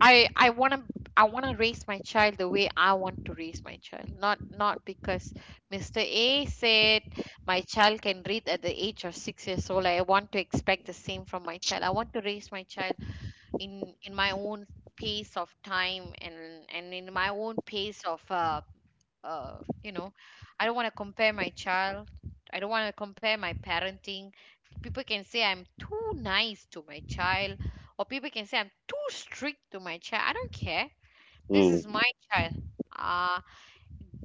A: I want to I want to raise my child the way I want to raise my child, not not because Mr. A said my child can read at the age of 6 years old. I want to expect the same from my child. I want to raise my child in my own pace of time and in my own pace of you know, I don't want to compare my child. I don't want to compare my parenting. People can say I'm too nice to my child, or people can say I'm too strict to my child. I don't care. This is
B: Mm,
A: my child. Ah,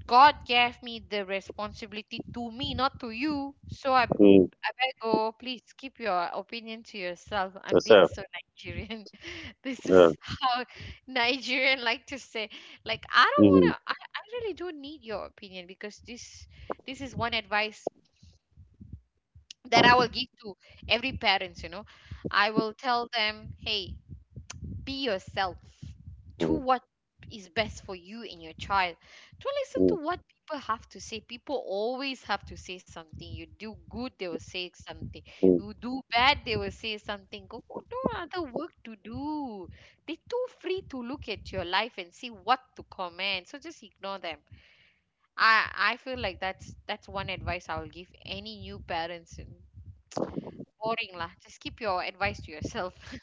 A: God gave me the responsibility to me, not to you. So I,
B: mm,
A: I better go. Please keep your opinion to yourself. I'm being
B: yourself,
A: so Nigerian. This
B: yeah.
A: is how Nigerian like to say. Like I don't
B: Mm,
A: wanna. I really don't need your opinion because this is one advice that I will give to every parents. You know, I will tell them, hey, be yourself. Do
B: mm,
A: what is best for you and your child. Don't listen
B: mm,
A: to what people have to say. People always have to say something. You do good, they will say something.
B: mm.
A: You do bad, they will say something. No other work to do. They too free to look at your life and see what to comment, so just ignore them. I feel like that's one advice I will give any new parents. Boring lah, just keep your advice to yourself.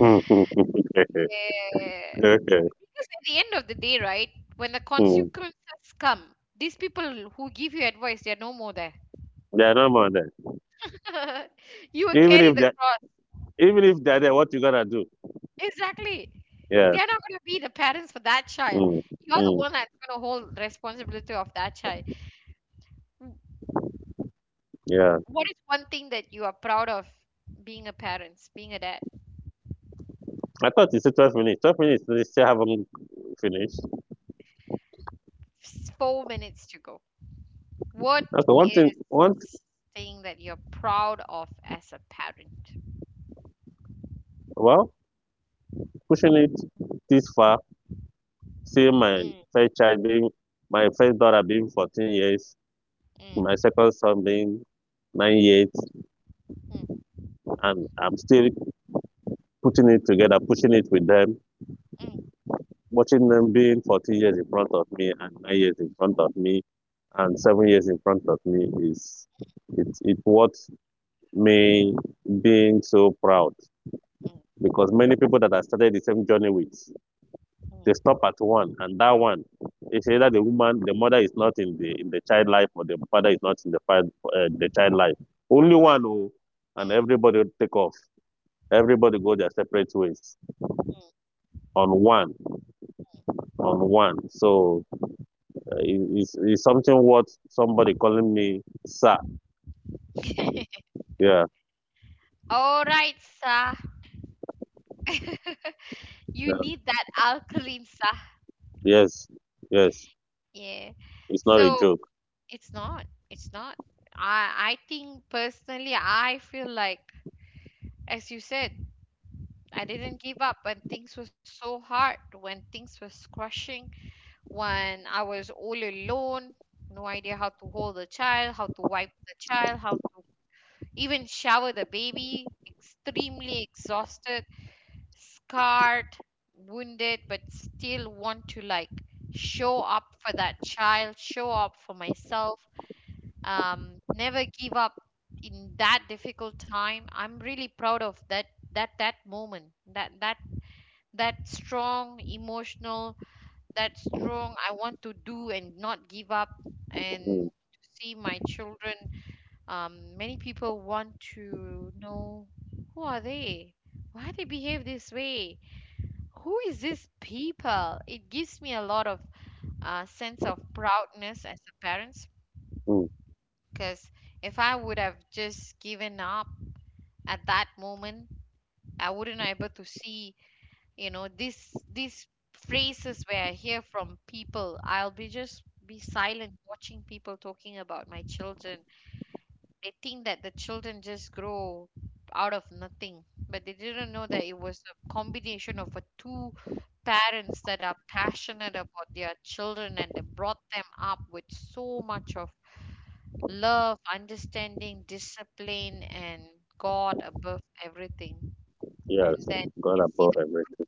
B: okay.
A: Yeah.
B: Okay.
A: Because at the end of the day, right, when the
B: Mm.
A: consequences come, these people who give you advice, they're no more there.
B: They are normal then.
A: You will
B: even
A: carry
B: if
A: the
B: they
A: cross.
B: Even if they're there, what you gonna do?
A: Exactly.
B: Yeah.
A: They're not going to be the parents for that child.
B: Mm,
A: You're the
B: mm,
A: one that's going to hold responsibility of that child. W-
B: yeah.
A: What is one thing that you are proud of being a parent, being a dad?
B: I thought you said 12 minutes. 12 minutes. They still haven't finished.
A: 4 minutes to go. What
B: Okay. One thing.
A: is
B: One.
A: thing that you're proud of as a parent?
B: Well, pushing it this far, seeing my
A: Mm,
B: first child being, my first daughter being 14 years, my
A: mm,
B: second son being 9 years,
A: mm,
B: and I'm still putting it together, pushing it with them,
A: mm.
B: watching them being 14 years in front of me and 9 years in front of me and 7 years in front of me is it it what me being so proud,
A: Mm,
B: because many people that I started the same journey with, they
A: mm,
B: stop at one, and that one is either the woman, the mother is not in the child life, or the father is not in the the child life. Only one, oh, and
A: mm.
B: everybody take off. Everybody go their separate ways on one, on one. So it's something what somebody calling me sir. Yeah,
A: All right, Sa. You
B: yeah,
A: need that alkaline, Sa.
B: yes, yes.
A: Yeah.
B: It's not a
A: So
B: joke.
A: it's not. It's not. I think personally, I feel like, as you said, I didn't give up when things were so hard, when things were crushing, when I was all alone, no idea how to hold a child, how to wipe the child, how to even shower the baby, extremely exhausted, scarred, wounded, but still want to like show up for that child, show up for myself, never give up in that difficult time. I'm really proud of that moment, that strong emotional, that strong I want to do and not give up and
B: Mm,
A: to see my children. Many people want to know who are they, why they behave this way, who is this people? It gives me a lot of sense of proudness as a parent,
B: mm,
A: because if I would have just given up at that moment, I wouldn't able to see, you know, this these phrases where I hear from people. I'll be just be silent watching people talking about my children. They think that the children just grow out of nothing, but they didn't know that it was a combination of a two parents that are passionate about their children, and they brought them up with so much of love, understanding, discipline, and God above everything. And
B: yes,
A: then
B: God
A: you can see
B: above
A: the,
B: everything.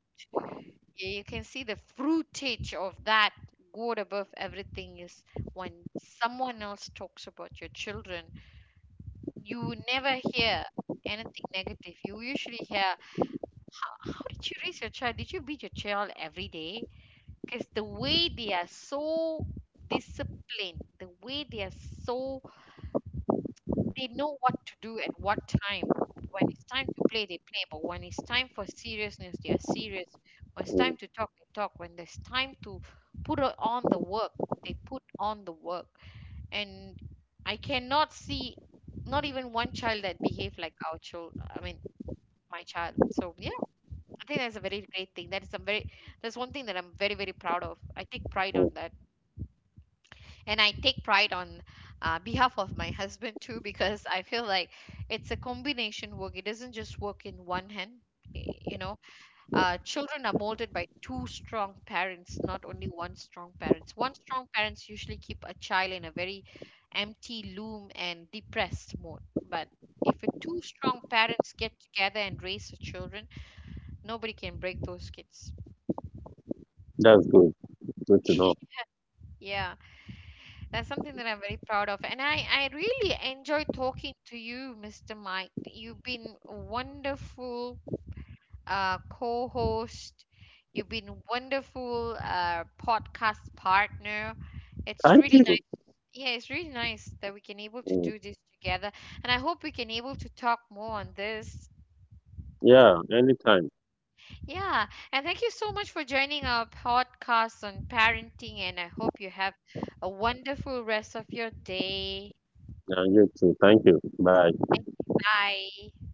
A: yeah, you can see the fruitage of that. God above everything is when someone else talks about your children. You never hear anything negative. You usually hear, how did you raise your child? Did you beat your child every day? Because the way they are so disciplined, the way they are so, they know what to do at what time. When it's time to play, they play. But when it's time for seriousness, they are serious. When it's
B: Mm,
A: time to talk, they talk. When there's time to put on the work, they put on the work. And I cannot see not even one child that behaved like our child. I mean, my child, so yeah, I think that's a very great thing. That is a very, that's one thing that I'm very very proud of. I take pride
B: mm.
A: on that, and I take pride on behalf of my husband too, because I feel like it's a combination work. It doesn't just work in one hand. You know, children are molded by two strong parents, not only one strong parents. One strong parents usually keep a child in a very empty loom and depressed mode. But if a two strong parents get together and raise the children, nobody can break those kids.
B: That's good. Good to know.
A: Yeah, that's something that I'm very proud of. And I really enjoy talking to you, Mr. Mike. You've been a wonderful co-host. You've been a wonderful podcast partner. It's
B: Thank
A: really nice.
B: you.
A: Yeah, it's really nice that we can able to
B: Mm.
A: do this together. And I hope we can able to talk more on this.
B: Yeah, anytime.
A: Yeah, and thank you so much for joining our podcast on parenting. And I hope you have a wonderful rest of your day.
B: Yeah, you too. Thank you. Bye.
A: Thank you. Bye.